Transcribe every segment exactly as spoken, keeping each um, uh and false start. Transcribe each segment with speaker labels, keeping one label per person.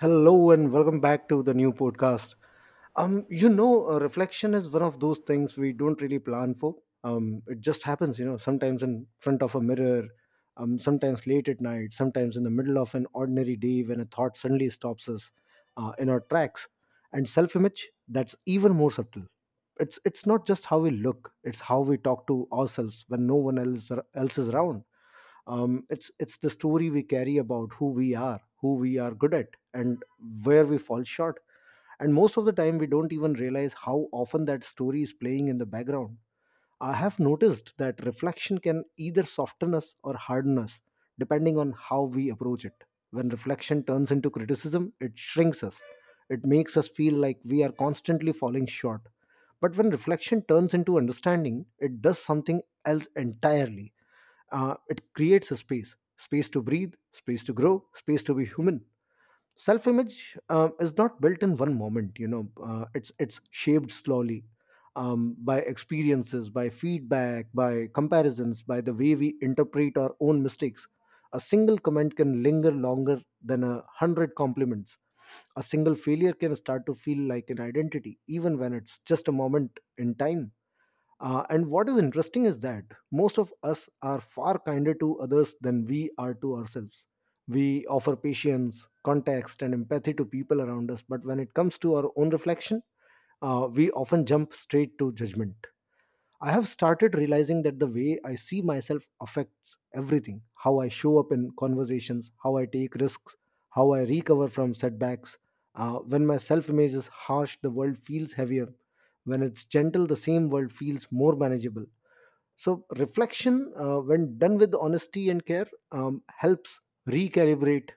Speaker 1: Hello and welcome back to the new podcast. Um, you know, uh, reflection is one of those things we don't really plan for. Um, it just happens, you know, sometimes in front of a mirror, um, sometimes late at night, sometimes in the middle of an ordinary day when a thought suddenly stops us uh, in our tracks. And self-image, that's even more subtle. It's it's not just how we look; it's how we talk to ourselves when no one else er, else is around. um, it's it's the story we carry about who we are, who we are good at and where we fall short. And most of the time we don't even realize how often that story is playing in the background. I have noticed that reflection can either soften us or harden us, depending on how we approach it. When reflection turns into criticism, it shrinks us. It makes us feel like we are constantly falling short. But when reflection turns into understanding, it does something else entirely. Uh, it creates a space, space to breathe, space to grow, space to be human. Self image uh, is not built in one moment, you know, uh, it's, it's shaped slowly. Um, by experiences, by feedback, by comparisons, by the way we interpret our own mistakes. A single comment can linger longer than a hundred compliments. A single failure can start to feel like an identity, even when it's just a moment in time. Uh, and what is interesting is that most of us are far kinder to others than we are to ourselves. We offer patience, context, and empathy to people around us, but when it comes to our own reflection, uh, we often jump straight to judgment. I have started realizing that the way I see myself affects everything: how I show up in conversations, how I take risks, how I recover from setbacks. Uh, when my self image is harsh, the world feels heavier. When it's gentle, the same world feels more manageable. So reflection, uh, when done with honesty and care, um, helps recalibrate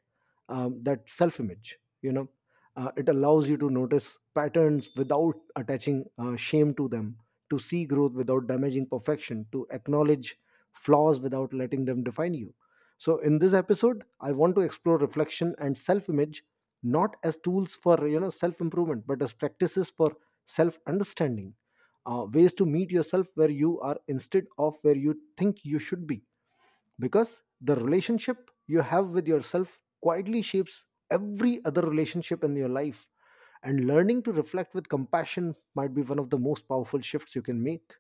Speaker 1: um, that self-image. You know, uh, it allows you to notice patterns without attaching uh, shame to them, to see growth without damaging perfection, to acknowledge flaws without letting them define you. So in this episode, I want to explore reflection and self-image not as tools for you know self-improvement, but as practices for self-understanding, uh, ways to meet yourself where you are instead of where you think you should be, because the relationship you have with yourself quietly shapes every other relationship in your life, and learning to reflect with compassion might be one of the most powerful shifts you can make.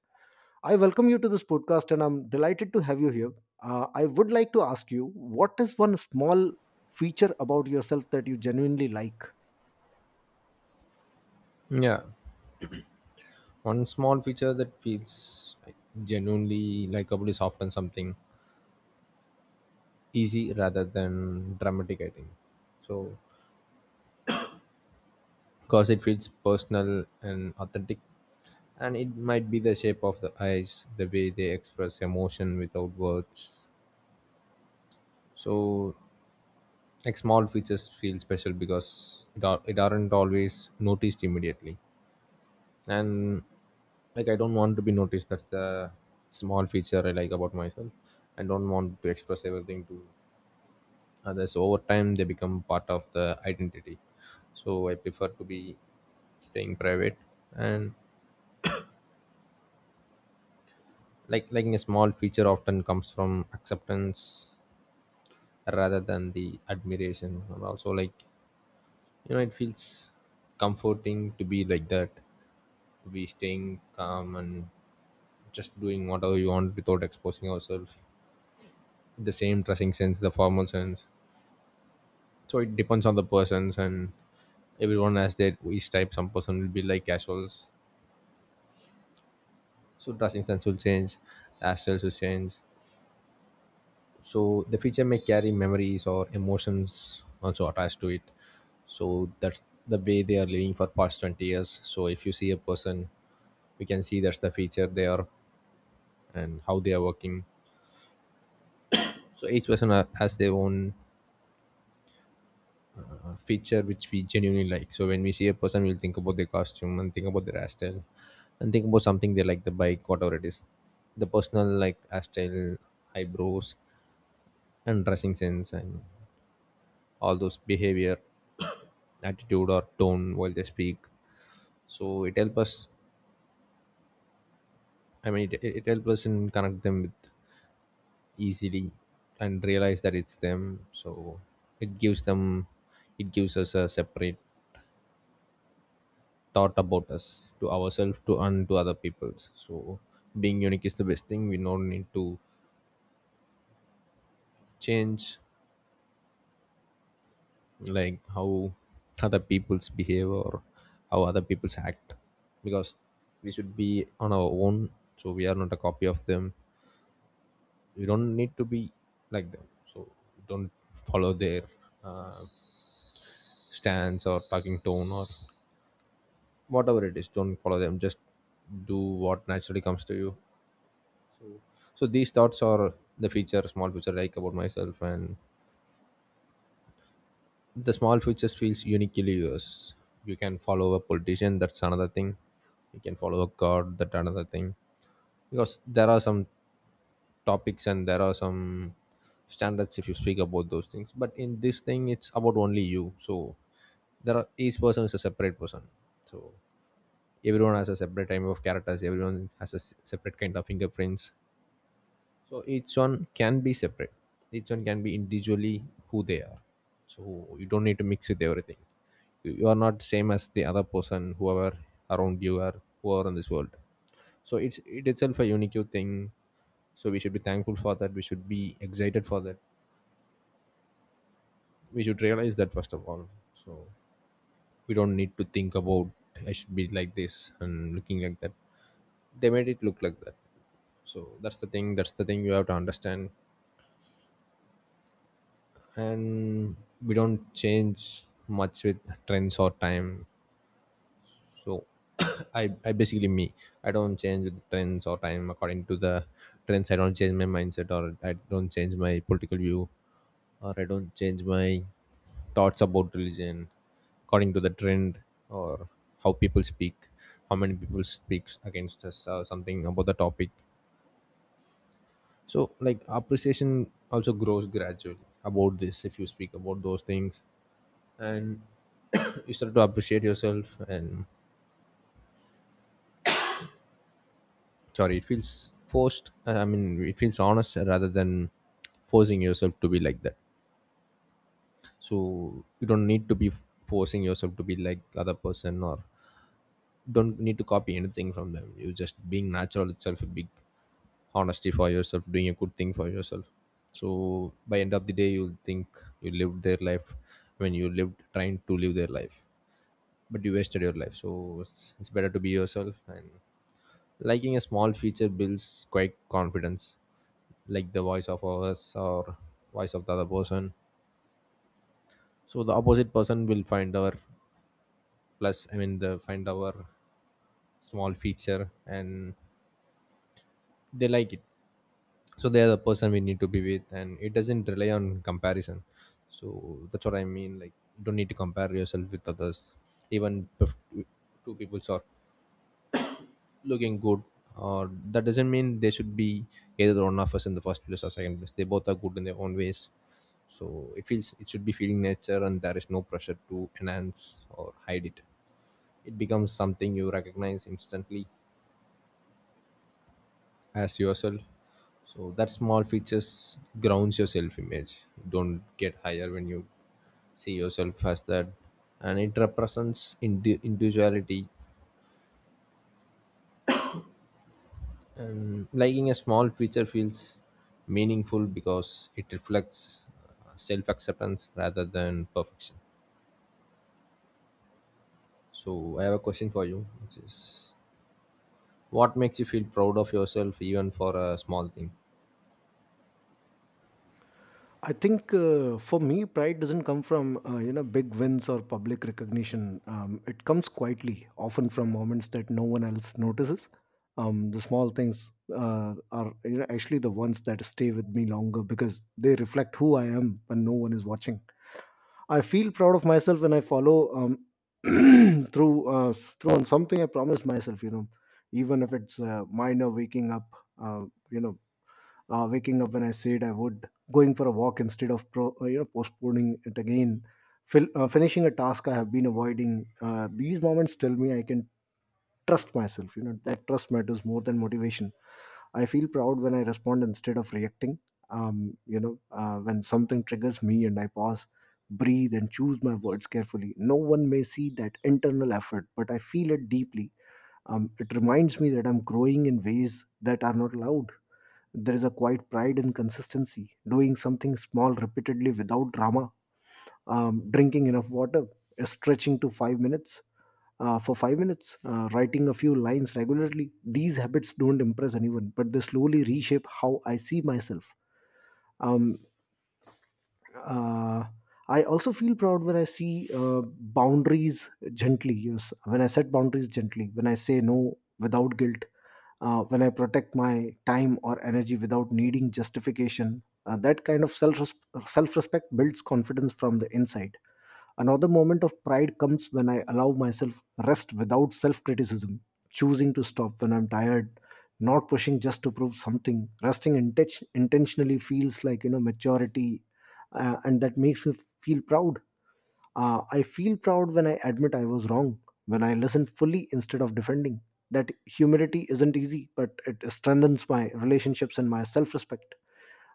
Speaker 1: I welcome you to this podcast, and I'm delighted to have you here. uh, I would like to ask you, what is one small feature about yourself that you genuinely like?
Speaker 2: Yeah, one small feature that feels like, genuinely likable is often something easy rather than dramatic, I think. So, because it feels personal and authentic, and it might be the shape of the eyes, the way they express emotion without words. So, like small features feel special because it, are, it aren't always noticed immediately. And like I don't want to be noticed. That's a small feature I like about myself. I don't want to express everything to others. Over time they become part of the identity, so I prefer to be staying private. And like liking a small feature often comes from acceptance rather than the admiration. And also like you know it feels comforting to be like that, to be staying calm and just doing whatever you want without exposing yourself. The same dressing sense, the formal sense. So it depends on the persons, and everyone has their each type. Some person will be like casuals, so dressing sense will change, hairstyles will change. So the feature may carry memories or emotions also attached to it. So that's the way they are living for past twenty years. So if you see a person, we can see that's the feature they are and how they are working. So each person ha- has their own feature which we genuinely like. So when we see a person, we'll think about their costume and think about their hairstyle, and think about something they like, the bike, whatever it is, the personal like hairstyle, eyebrows, and dressing sense, and all those behavior, attitude or tone while they speak. So it helps us. I mean, it, it helps us in connect them with easily and realize that it's them. So it gives them, it gives us a separate thought about us to ourselves to and to other peoples. So being unique is the best thing. We don't need to change like how other people's behave or how other people's act, because we should be on our own. So we are not a copy of them. We don't need to be like them. So don't follow their uh, stance or talking tone or whatever it is. Don't follow them. Just do what naturally comes to you. So these thoughts are the feature, small feature I like about myself. And the small features feels uniquely yours. You can follow a politician, that's another thing. You can follow a god, that another thing. Because there are some topics and there are some standards if you speak about those things, but in this thing it's about only you. So there are each person is a separate person. So everyone has a separate type of characters. Everyone has a s- separate kind of fingerprints. So each one can be separate. Each one can be individually who they are. So you don't need to mix with everything. You you are not same as the other person, whoever around you are, who are in this world. So it's it itself a unique thing. So we should be thankful for that. We should be excited for that. We should realize that first of all. So we don't need to think about I should be like this and looking like that. They made it look like that. So that's the thing. That's the thing you have to understand. And we don't change much with trends or time. So I I basically me I don't change with trends or time. According to the trends, I don't change my mindset, or I don't change my political view, or I don't change my thoughts about religion according to the trend, or how people speak, how many people speaks against us or something about the topic. So like appreciation also grows gradually about this if you speak about those things. And you start to appreciate yourself. And sorry, it feels forced. I mean it feels honest rather than forcing yourself to be like that. So you don't need to be forcing yourself to be like other person, or don't need to copy anything from them. You just being natural itself a big honesty for yourself, doing a good thing for yourself. So by end of the day, you'll think you lived their life. When you lived trying to live their life, but you wasted your life. So it's, it's better to be yourself. And liking a small feature builds quite confidence, like the voice of ours or voice of the other person. So the opposite person will find our plus I mean the find our small feature, and they like it. So they are the person we need to be with, and it doesn't rely on comparison. So that's what I mean. Like you don't need to compare yourself with others. Even if two peoples are looking good, or that doesn't mean they should be either one of us in the first place or second place. They both are good in their own ways. So it feels it should be feeling nature, and there is no pressure to enhance or hide it. It becomes something you recognize instantly as yourself. So that small features grounds your self image, don't get higher when you see yourself as that. And it represents indi- individuality. And liking a small feature feels meaningful because it reflects uh, self-acceptance rather than perfection. So I have a question for you, which is what makes you feel proud of yourself even for a small thing?
Speaker 1: I think uh, for me, pride doesn't come from uh, you know big wins or public recognition. Um, it comes quietly, often from moments that no one else notices. Um, the small things uh, are, you know, actually the ones that stay with me longer because they reflect who I am when no one is watching. I feel proud of myself when I follow um, through uh, through on something I promised myself. You know, even if it's uh, minor, waking up. Uh, you know uh, Waking up when I said I would, going for a walk instead of pro, uh, you know postponing it again, Fil- uh, finishing a task I have been avoiding. Uh, these moments tell me I can trust myself. You know, that trust matters more than motivation. I feel proud when I respond instead of reacting. Um, you know uh, when something triggers me and I pause, breathe, and choose my words carefully, no one may see that internal effort, but I feel it deeply. Um, it reminds me that I'm growing in ways that are not loud. There is a quiet pride in consistency, doing something small repeatedly without drama. Um, drinking enough water, uh, stretching to five minutes uh, for five minutes, uh, writing a few lines regularly. These habits don't impress anyone, but they slowly reshape how I see myself. Um, uh, I also feel proud when I see uh, boundaries gently. Yes, when I set boundaries gently, when I say no without guilt, uh, when I protect my time or energy without needing justification. Uh, that kind of self self respect builds confidence from the inside. Another moment of pride comes when I allow myself rest without self criticism, choosing to stop when I'm tired, not pushing just to prove something. Resting inten- intentionally feels like, you know, maturity, uh, and that makes me feel proud. Uh, I feel proud when I admit I was wrong, when I listen fully instead of defending. That humility isn't easy, but it strengthens my relationships and my self respect.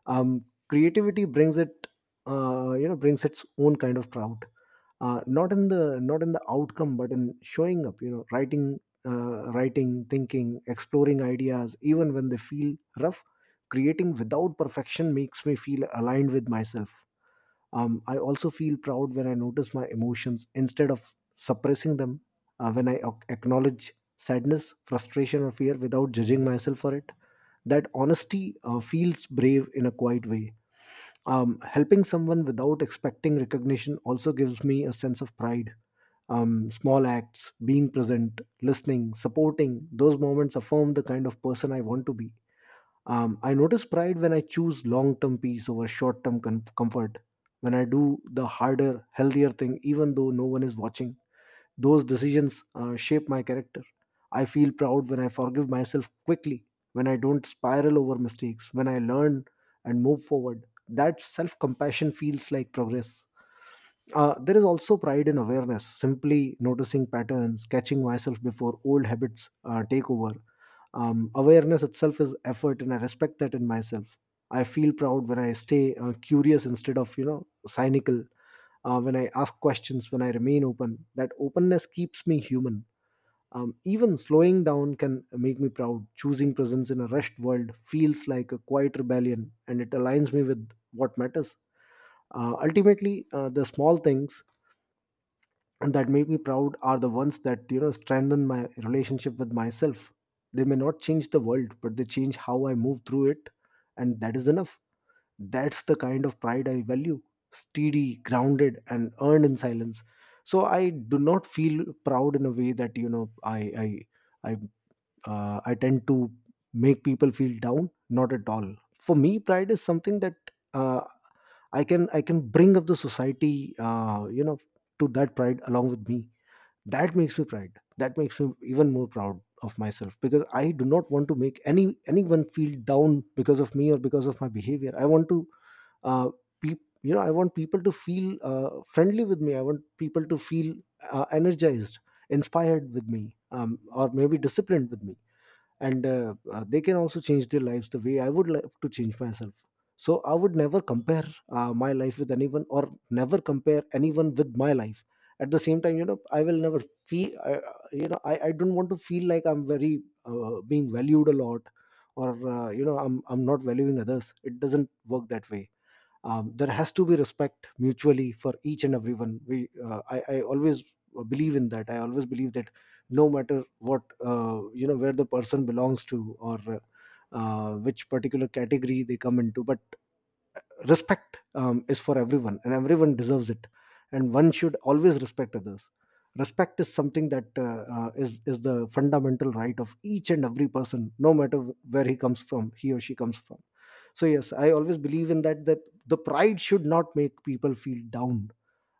Speaker 1: um, Creativity brings it, uh, you know brings its own kind of proud, uh, not in the not in the outcome but in showing up. You know, writing uh, writing, thinking, exploring ideas even when they feel rough. Creating without perfection makes me feel aligned with myself. um, I also feel proud when I notice my emotions instead of suppressing them. Uh, when I ac- acknowledge sadness, frustration, or fear without judging myself for it, that honesty uh, feels brave in a quiet way. Um, helping someone without expecting recognition also gives me a sense of pride. Um, small acts, being present, listening, supporting, those moments affirm the kind of person I want to be. um, I notice pride when I choose long term peace over short term com- comfort. When I do the harder, healthier thing, even though no one is watching, those decisions uh, shape my character. I feel proud when I forgive myself quickly, when I don't spiral over mistakes, when I learn and move forward. That self compassion feels like progress. Uh, there is also pride in awareness, simply noticing patterns, catching myself before old habits uh, take over. Um, awareness itself is effort, and I respect that in myself. I feel proud when I stay uh, curious instead of, you know cynical, uh, when I ask questions, when I remain open. That openness keeps me human. Um, even slowing down can make me proud. Choosing presence in a rushed world feels like a quiet rebellion, and it aligns me with what matters. Uh, ultimately uh, the small things and that make me proud are the ones that, you know strengthen my relationship with myself. They may not change the world, but they change how I move through it, and that is enough. That's the kind of pride I value: steady, grounded, and earned in silence. So I do not feel proud in a way that, you know i i i, uh, I tend to make people feel down, not at all. For me, pride is something that, uh, i can i can bring up the society, uh, you know to that pride along with me. That makes me proud. That makes me even more proud of myself, because I do not want to make any anyone feel down because of me or because of my behavior. I want to, uh, peop you know I want people to feel uh, friendly with me. I want people to feel uh, energized, inspired with me, um, or maybe disciplined with me. And uh, uh, they can also change their lives the way I would love to change myself. So I would never compare uh, my life with anyone, or never compare anyone with my life. At the same time, you know, I will never feel I, you know I, I don't want to feel like I'm very uh, being valued a lot, or uh, you know i'm i'm not valuing others. It doesn't work that way. Um, there has to be respect mutually for each and everyone. we uh, I, I always believe in that. I always believe that no matter what, uh, you know where the person belongs to, or uh, uh, which particular category they come into, but respect um, is for everyone, and everyone deserves it, and one should always respect others. Respect is something that, uh, uh, is is the fundamental right of each and every person, no matter where he comes from, he or she comes from. So yes, I always believe in that, that the pride should not make people feel down.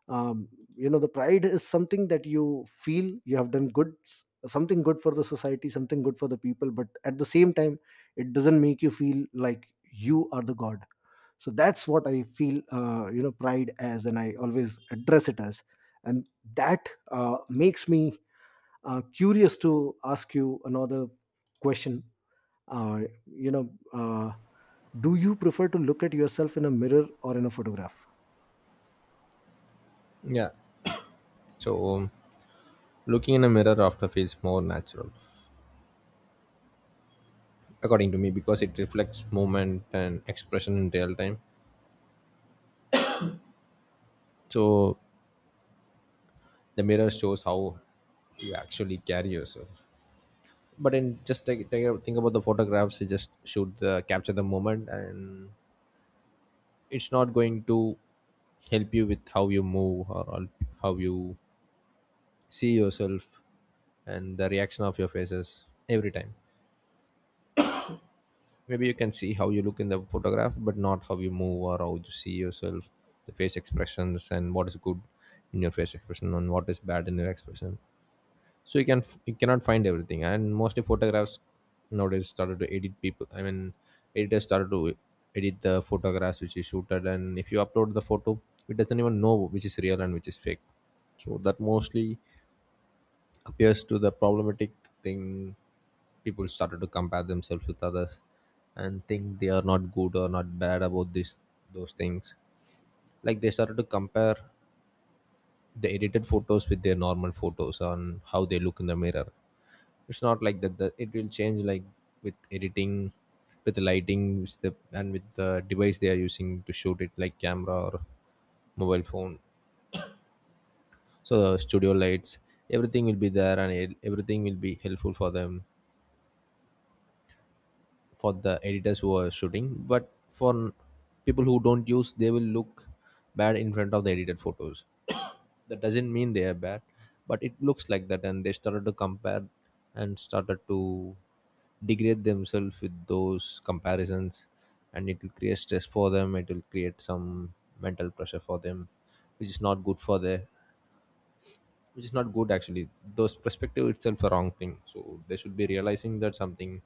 Speaker 1: um, you know the pride is something that you feel you have done good s- something good for the society, something good for the people, but at the same time, it doesn't make you feel like you are the god. So that's what I feel uh, you know pride as, and I always address it as. And that uh, makes me uh, curious to ask you another question. Uh, you know uh, Do you prefer to look at yourself in a mirror or in a photograph?
Speaker 2: Yeah, so um, looking in a mirror after feels more natural according to me, because it reflects movement and expression in real time. So the mirror shows how you actually carry yourself. But in just take, take a- think about the photographs. You just shoot the capture the moment, and it's not going to help you with how you move or al- how you see yourself, and the reaction of your faces every time. Maybe you can see how you look in the photograph, but not how you move or how you see yourself. The face expressions, and what is good in your face expression and what is bad in your expression. So you can you cannot find everything. And mostly photographs nowadays started to edit people. I mean, editors started to edit the photographs which is shooted. And if you upload the photo, it doesn't even know which is real and which is fake. So that mostly appears to the problematic thing. People started to compare themselves with others, and think they are not good or not bad about this, those things. Like they started to compare the edited photos with their normal photos on how they look in the mirror. It's not like that the, It will change like with editing, with the lighting, with the, and with the device they are using to shoot it, like camera or mobile phone. So the studio lights, everything will be there, and it, everything will be helpful for them, for the editors who are shooting. But for people who don't use, they will look bad in front of the edited photos. That doesn't mean they are bad, but it looks like that, and they started to compare and started to degrade themselves with those comparisons. And it will create stress for them. It will create some mental pressure for them, which is not good for their, which is not good actually. Those perspective itself a wrong thing. So they should be realizing that something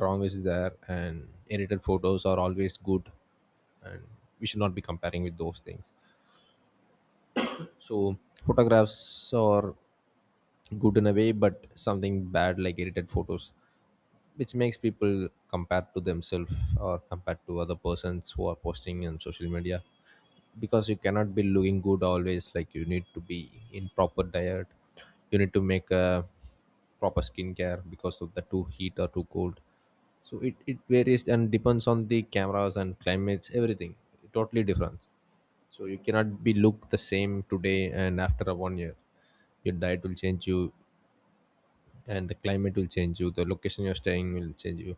Speaker 2: wrong is there, and edited photos are always good. And we should not be comparing with those things. So photographs or good in a way, but something bad like edited photos which makes people compare to themselves or compare to other persons who are posting on social media. Because you cannot be looking good always. Like you need to be in proper diet, you need to make a proper skincare because of the too heat or too cold. So it, it varies and depends on the cameras and climates, everything totally different. So you cannot be look the same today and after a one year. Your diet will change you, and the climate will change you, the location you're staying will change you.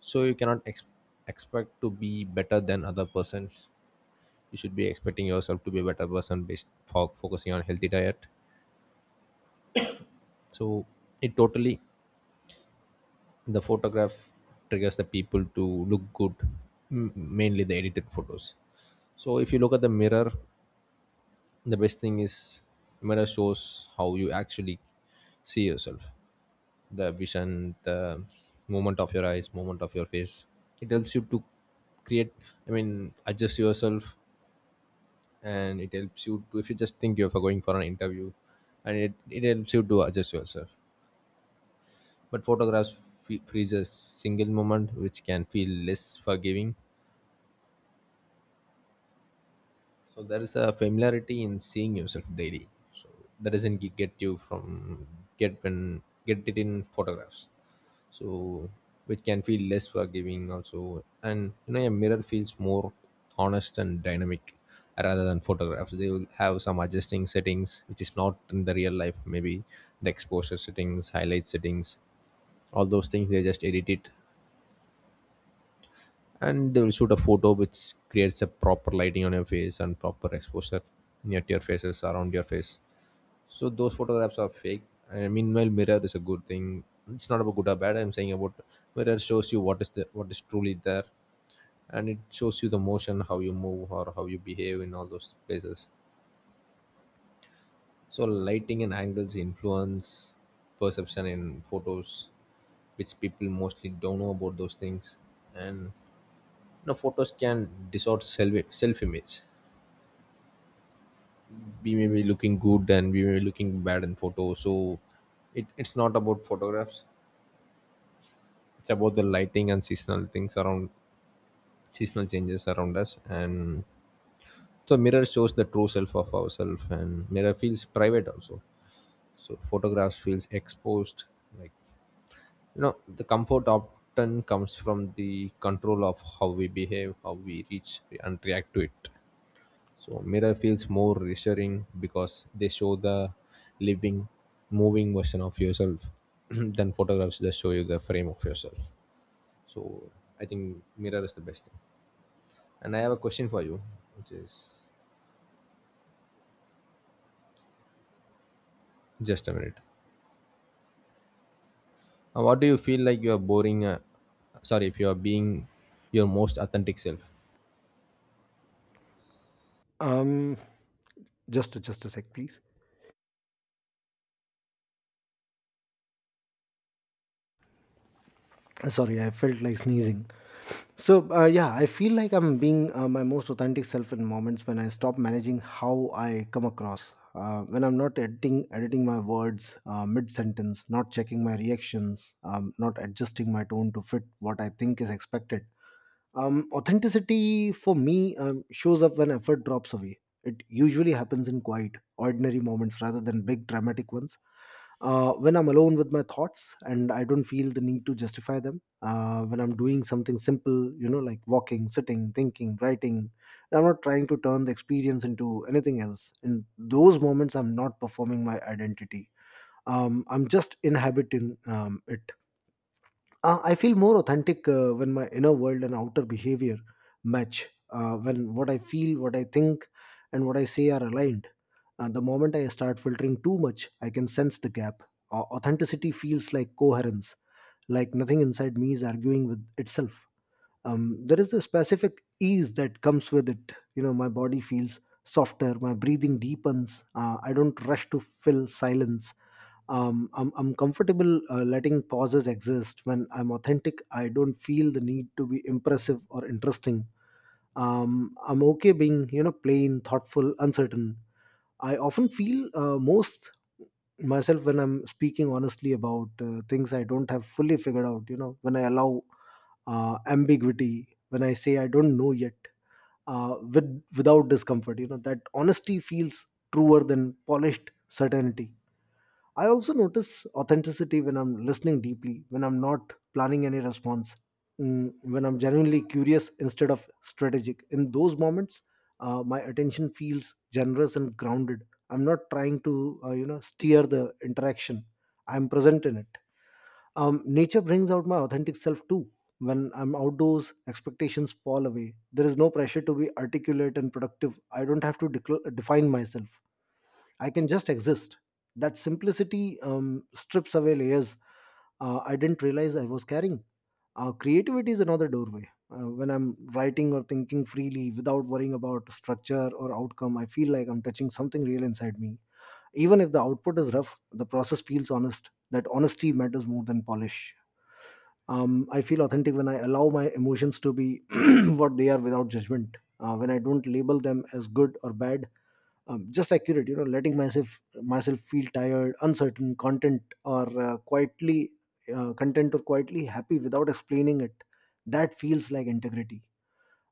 Speaker 2: So you cannot ex- expect to be better than other person. You should be expecting yourself to be a better person based for focusing on healthy diet. So it totally the photograph triggers the people to look good, m- mainly the edited photos. So if you look at the mirror, the best thing is mirror shows how you actually see yourself. The vision, the movement of your eyes, movement of your face. It helps you to create, I mean adjust yourself. And it helps you to, if you just think you're going for an interview, and it, it helps you to adjust yourself. But photographs fe- freezes single moment which can feel less forgiving. So there is a familiarity in seeing yourself daily. So that doesn't ge- get you from get when get it in photographs. So, which can feel less forgiving also, and you know a mirror feels more honest and dynamic rather than photographs. They will have some adjusting settings which is not in the real life. Maybe the exposure settings, highlight settings, all those things they just edit it, and they will shoot a photo which creates a proper lighting on your face and proper exposure near to your faces around your face, so those photographs are fake. And meanwhile, mirror is a good thing. It's not about good or bad, I'm saying about mirror shows you what is the what is truly there, and it shows you the motion, how you move or how you behave in all those places. So lighting and angles influence perception in photos, which people mostly don't know about those things. And no, photos can distort self self image. We may be looking good and we may be looking bad in photo. So, it, it's not about photographs. It's about the lighting and seasonal things around, seasonal changes around us. And so, mirror shows the true self of ourselves, and mirror feels private also. So, photographs feels exposed. Like, you know, the comfort often comes from the control of how we behave, how we reach and react to it. So mirror feels more reassuring because they show the living, moving version of yourself than photographs just show you the frame of yourself. So I think mirror is the best thing. And I have a question for you, which is, just a minute. Uh, what do you feel like you are boring? Uh, sorry, if you are being your most authentic self.
Speaker 1: um just just a sec please. Sorry, I felt like sneezing. So uh, yeah, I feel like I'm being uh, my most authentic self in moments when I stop managing how I come across, uh, when I'm not editing editing my words uh, mid sentence, not checking my reactions, um, not adjusting my tone to fit what I think is expected. Um, authenticity for me um, shows up when effort drops away. It usually happens in quiet ordinary moments rather than big dramatic ones. Uh, when I'm alone with my thoughts and I don't feel the need to justify them. Uh, when I'm doing something simple, you know, like walking, sitting, thinking, writing, I'm not trying to turn the experience into anything else. In those moments, I'm not performing my identity. Um, I'm just inhabiting um, it. uh, I feel more authentic uh, when my inner world and outer behavior match. Uh, when what I feel, what I think, and what I say are aligned. Uh, the moment I start filtering too much, I can sense the gap. Uh, authenticity feels like coherence, like nothing inside me is arguing with itself. Um, there is a specific ease that comes with it. You know, my body feels softer, my breathing deepens. Uh, I don't rush to fill silence, um, I'm, I'm comfortable uh, letting pauses exist. When I'm authentic, I don't feel the need to be impressive or interesting. um, I'm okay being, you know, plain, thoughtful, uncertain. I often feel uh, most myself when I'm speaking honestly about uh, things I don't have fully figured out. You know, when I allow uh, ambiguity, when I say I don't know yet, uh, with without discomfort. You know, that honesty feels truer than polished certainty. I also notice authenticity when I'm listening deeply, when I'm not planning any response, mm, when I'm genuinely curious instead of strategic. In those moments, uh, my attention feels generous and grounded. I'm not trying to, uh, you know, steer the interaction. I'm present in it. Um, nature brings out my authentic self too. When I'm outdoors, expectations fall away. There is no pressure to be articulate and productive. I don't have to decl- define myself. I can just exist. That simplicity um, strips away layers uh, I didn't realize I was carrying. Uh, creativity is another doorway. Uh, when I'm writing or thinking freely without worrying about structure or outcome, I feel like I'm touching something real inside me. Even if the output is rough, the process feels honest. That honesty matters more than polish. Um, I feel authentic when I allow my emotions to be what they are without judgment. Uh, when I don't label them as good or bad, um, just accurate. You know, letting myself myself feel tired, uncertain, content, or uh, quietly uh, content or quietly happy without explaining it, that feels like integrity.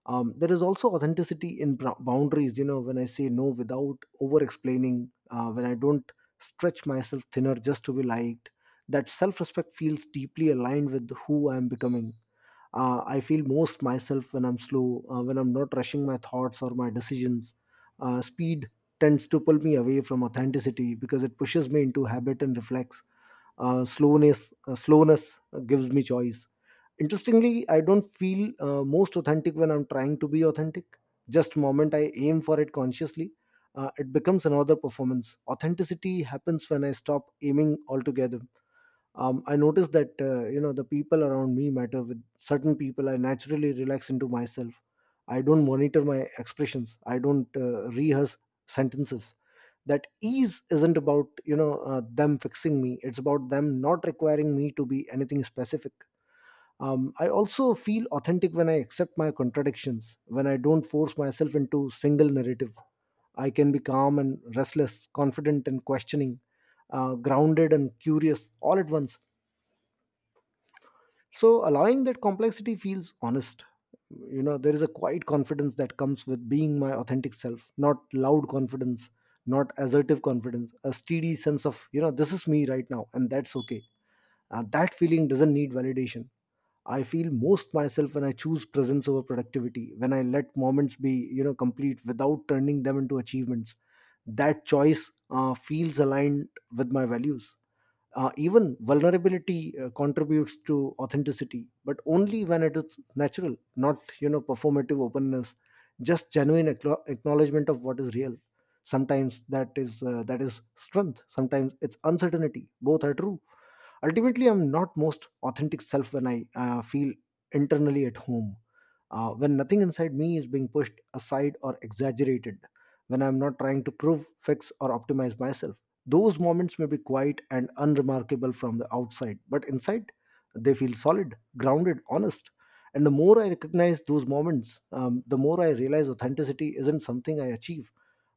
Speaker 1: um, There is also authenticity in bra- boundaries. You know, when I say no without over explaining, uh, when I don't stretch myself thinner just to be liked, that self-respect feels deeply aligned with who I am becoming. uh, I feel most myself when I'm slow, uh, when I'm not rushing my thoughts or my decisions. Uh, speed tends to pull me away from authenticity because it pushes me into habit and reflex. Uh, slowness uh, slowness gives me choice. Interestingly, I don't feel uh, most authentic when I'm trying to be authentic. Just moment I aim for it consciously, uh, it becomes another performance. Authenticity happens when I stop aiming altogether. um, I noticed that, uh, you know, the people around me matter. With certain people I naturally relax into myself. I don't monitor my expressions, I don't uh, rehearse sentences. That ease isn't about, you know, uh, them fixing me. It's about them not requiring me to be anything specific. um, I also feel authentic when I accept my contradictions, when I don't force myself into single narrative. I can be calm and restless, confident and questioning, uh, grounded and curious all at once. So allowing that complexity feels honest. You know, there is a quiet confidence that comes with being my authentic self, not loud confidence, not assertive confidence, a steady sense of, you know, this is me right now and that's okay. Uh, that feeling doesn't need validation. I feel most myself when I choose presence over productivity, when I let moments be, you know, complete without turning them into achievements. That choice uh, feels aligned with my values. Uh, even vulnerability uh, contributes to authenticity, but only when it is natural, not, you know, performative openness, just genuine acknow- acknowledgement of what is real. Sometimes that is uh, that is strength. Sometimes it's uncertainty. Both are true. Ultimately, I'm not most authentic self when I uh, feel internally at home, uh, when nothing inside me is being pushed aside or exaggerated, when I'm not trying to prove, fix, or optimize myself. Those moments may be quiet and unremarkable from the outside, but inside, they feel solid, grounded, honest. And the more I recognize those moments, um, the more I realize authenticity isn't something I achieve.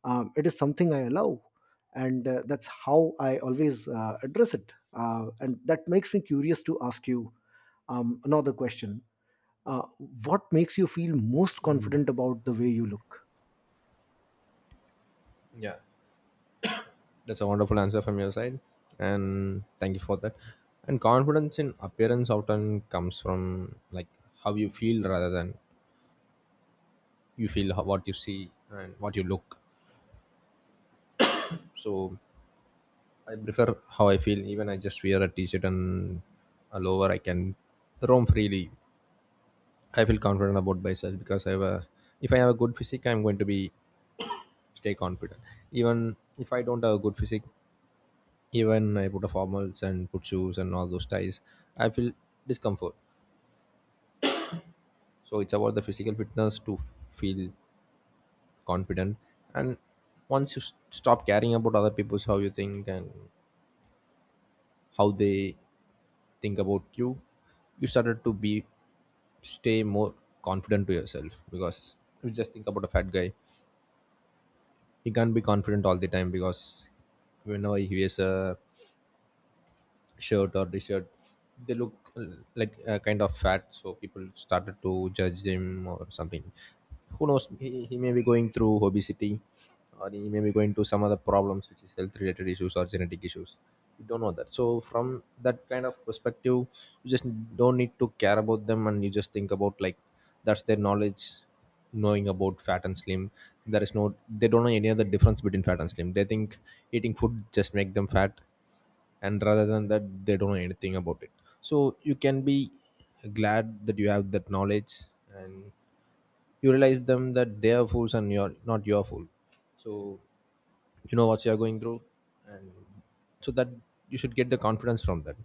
Speaker 1: Um, it is something I allow. And uh, that's how I always uh, address it. Uh, and that makes me curious to ask you um, another question. uh, what makes you feel most confident about the way you look?
Speaker 2: Yeah, that's a wonderful answer from your side, and thank you for that. And confidence in appearance often comes from, like, how you feel rather than you feel how, what you see and what you look. So I prefer how I feel. Even I just wear a t-shirt and a lower, I can roam freely. I feel confident about myself because I have a, if I have a good physique, I'm going to be stay confident. Even if I don't have a good physique, even I put a formals and put shoes and all those ties, I feel discomfort. So it's about the physical fitness to feel confident. And once you s- stop caring about other people's how you think and how they think about you, you started to be stay more confident to yourself. Because if you just think about a fat guy, he can't be confident all the time because whenever he wears a shirt or t-shirt, they look uh, like uh, kind of fat, so people started to judge him or something. Who knows, he, he may be going through obesity, or he may be going to some other problems which is health related issues or genetic issues. You don't know that. So from that kind of perspective, you just don't need to care about them, and you just think about, like, that's their knowledge, knowing about fat and slim. There is no, they don't know any other difference between fat and slim. They think eating food just make them fat, and rather than that, they don't know anything about it. So you can be glad that you have that knowledge, and you realize them that they are fools and you're not your fool. So you know what you are going through, and so that you should get the confidence from that.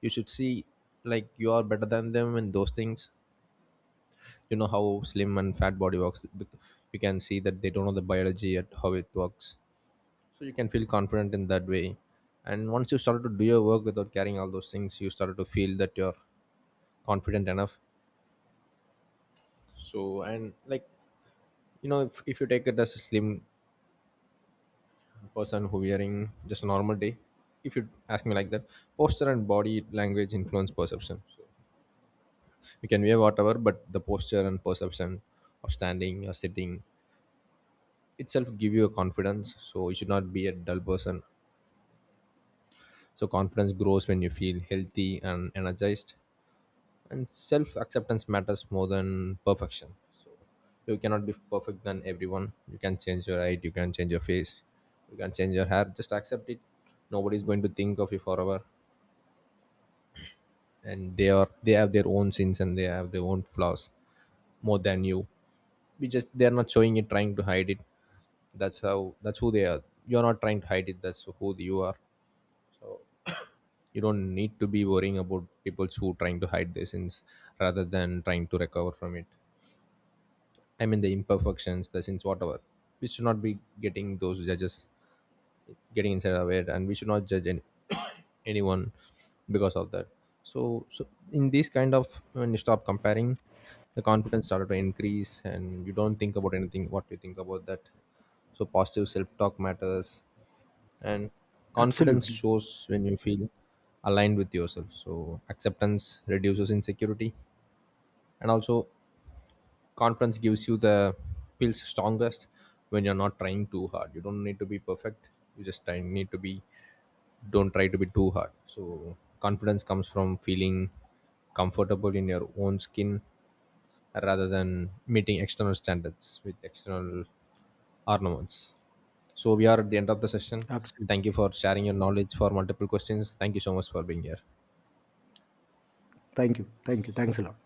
Speaker 2: You should see, like, you are better than them in those things. You know how slim and fat body works. You can see that they don't know the biology at how it works. So you can feel confident in that way. And once you started to do your work without carrying all those things, you started to feel that you're confident enough. So, and like, you know, if, if you take it as a slim person who wearing just a normal day, if you ask me like that, posture and body language influence perception. You can wear whatever, but the posture and perception of standing or sitting itself give you a confidence. So you should not be a dull person. So confidence grows when you feel healthy and energized, and self acceptance matters more than perfection. You cannot be perfect than everyone. You can change your height, you can change your face, you can change your hair, just accept it. Nobody's going to think of you forever, and they are, they have their own sins and they have their own flaws more than you. We just, they're not showing it, trying to hide it. That's how, that's who they are. You're not trying to hide it, that's who you are. So you don't need to be worrying about people who trying to hide their sins rather than trying to recover from it. I mean the imperfections, the sins, whatever. We should not be getting those judges getting inside of it, and we should not judge any, anyone because of that. So, so, in this kind of, when you stop comparing, the confidence started to increase, and you don't think about anything. What you think about that? So positive self-talk matters, and confidence
Speaker 1: Absolutely.
Speaker 2: shows when you feel aligned with yourself. So acceptance reduces insecurity, and also confidence gives you the feels strongest when you're not trying too hard. You don't need to be perfect. You just try, need to be. Don't try to be too hard. So confidence comes from feeling comfortable in your own skin rather than meeting external standards with external ornaments. So we are at the end of the session. Thank you
Speaker 1: Absolutely.
Speaker 2: for sharing your knowledge for multiple questions. Thank you so much for being here.
Speaker 1: Thank you. Thank you. Thanks a lot.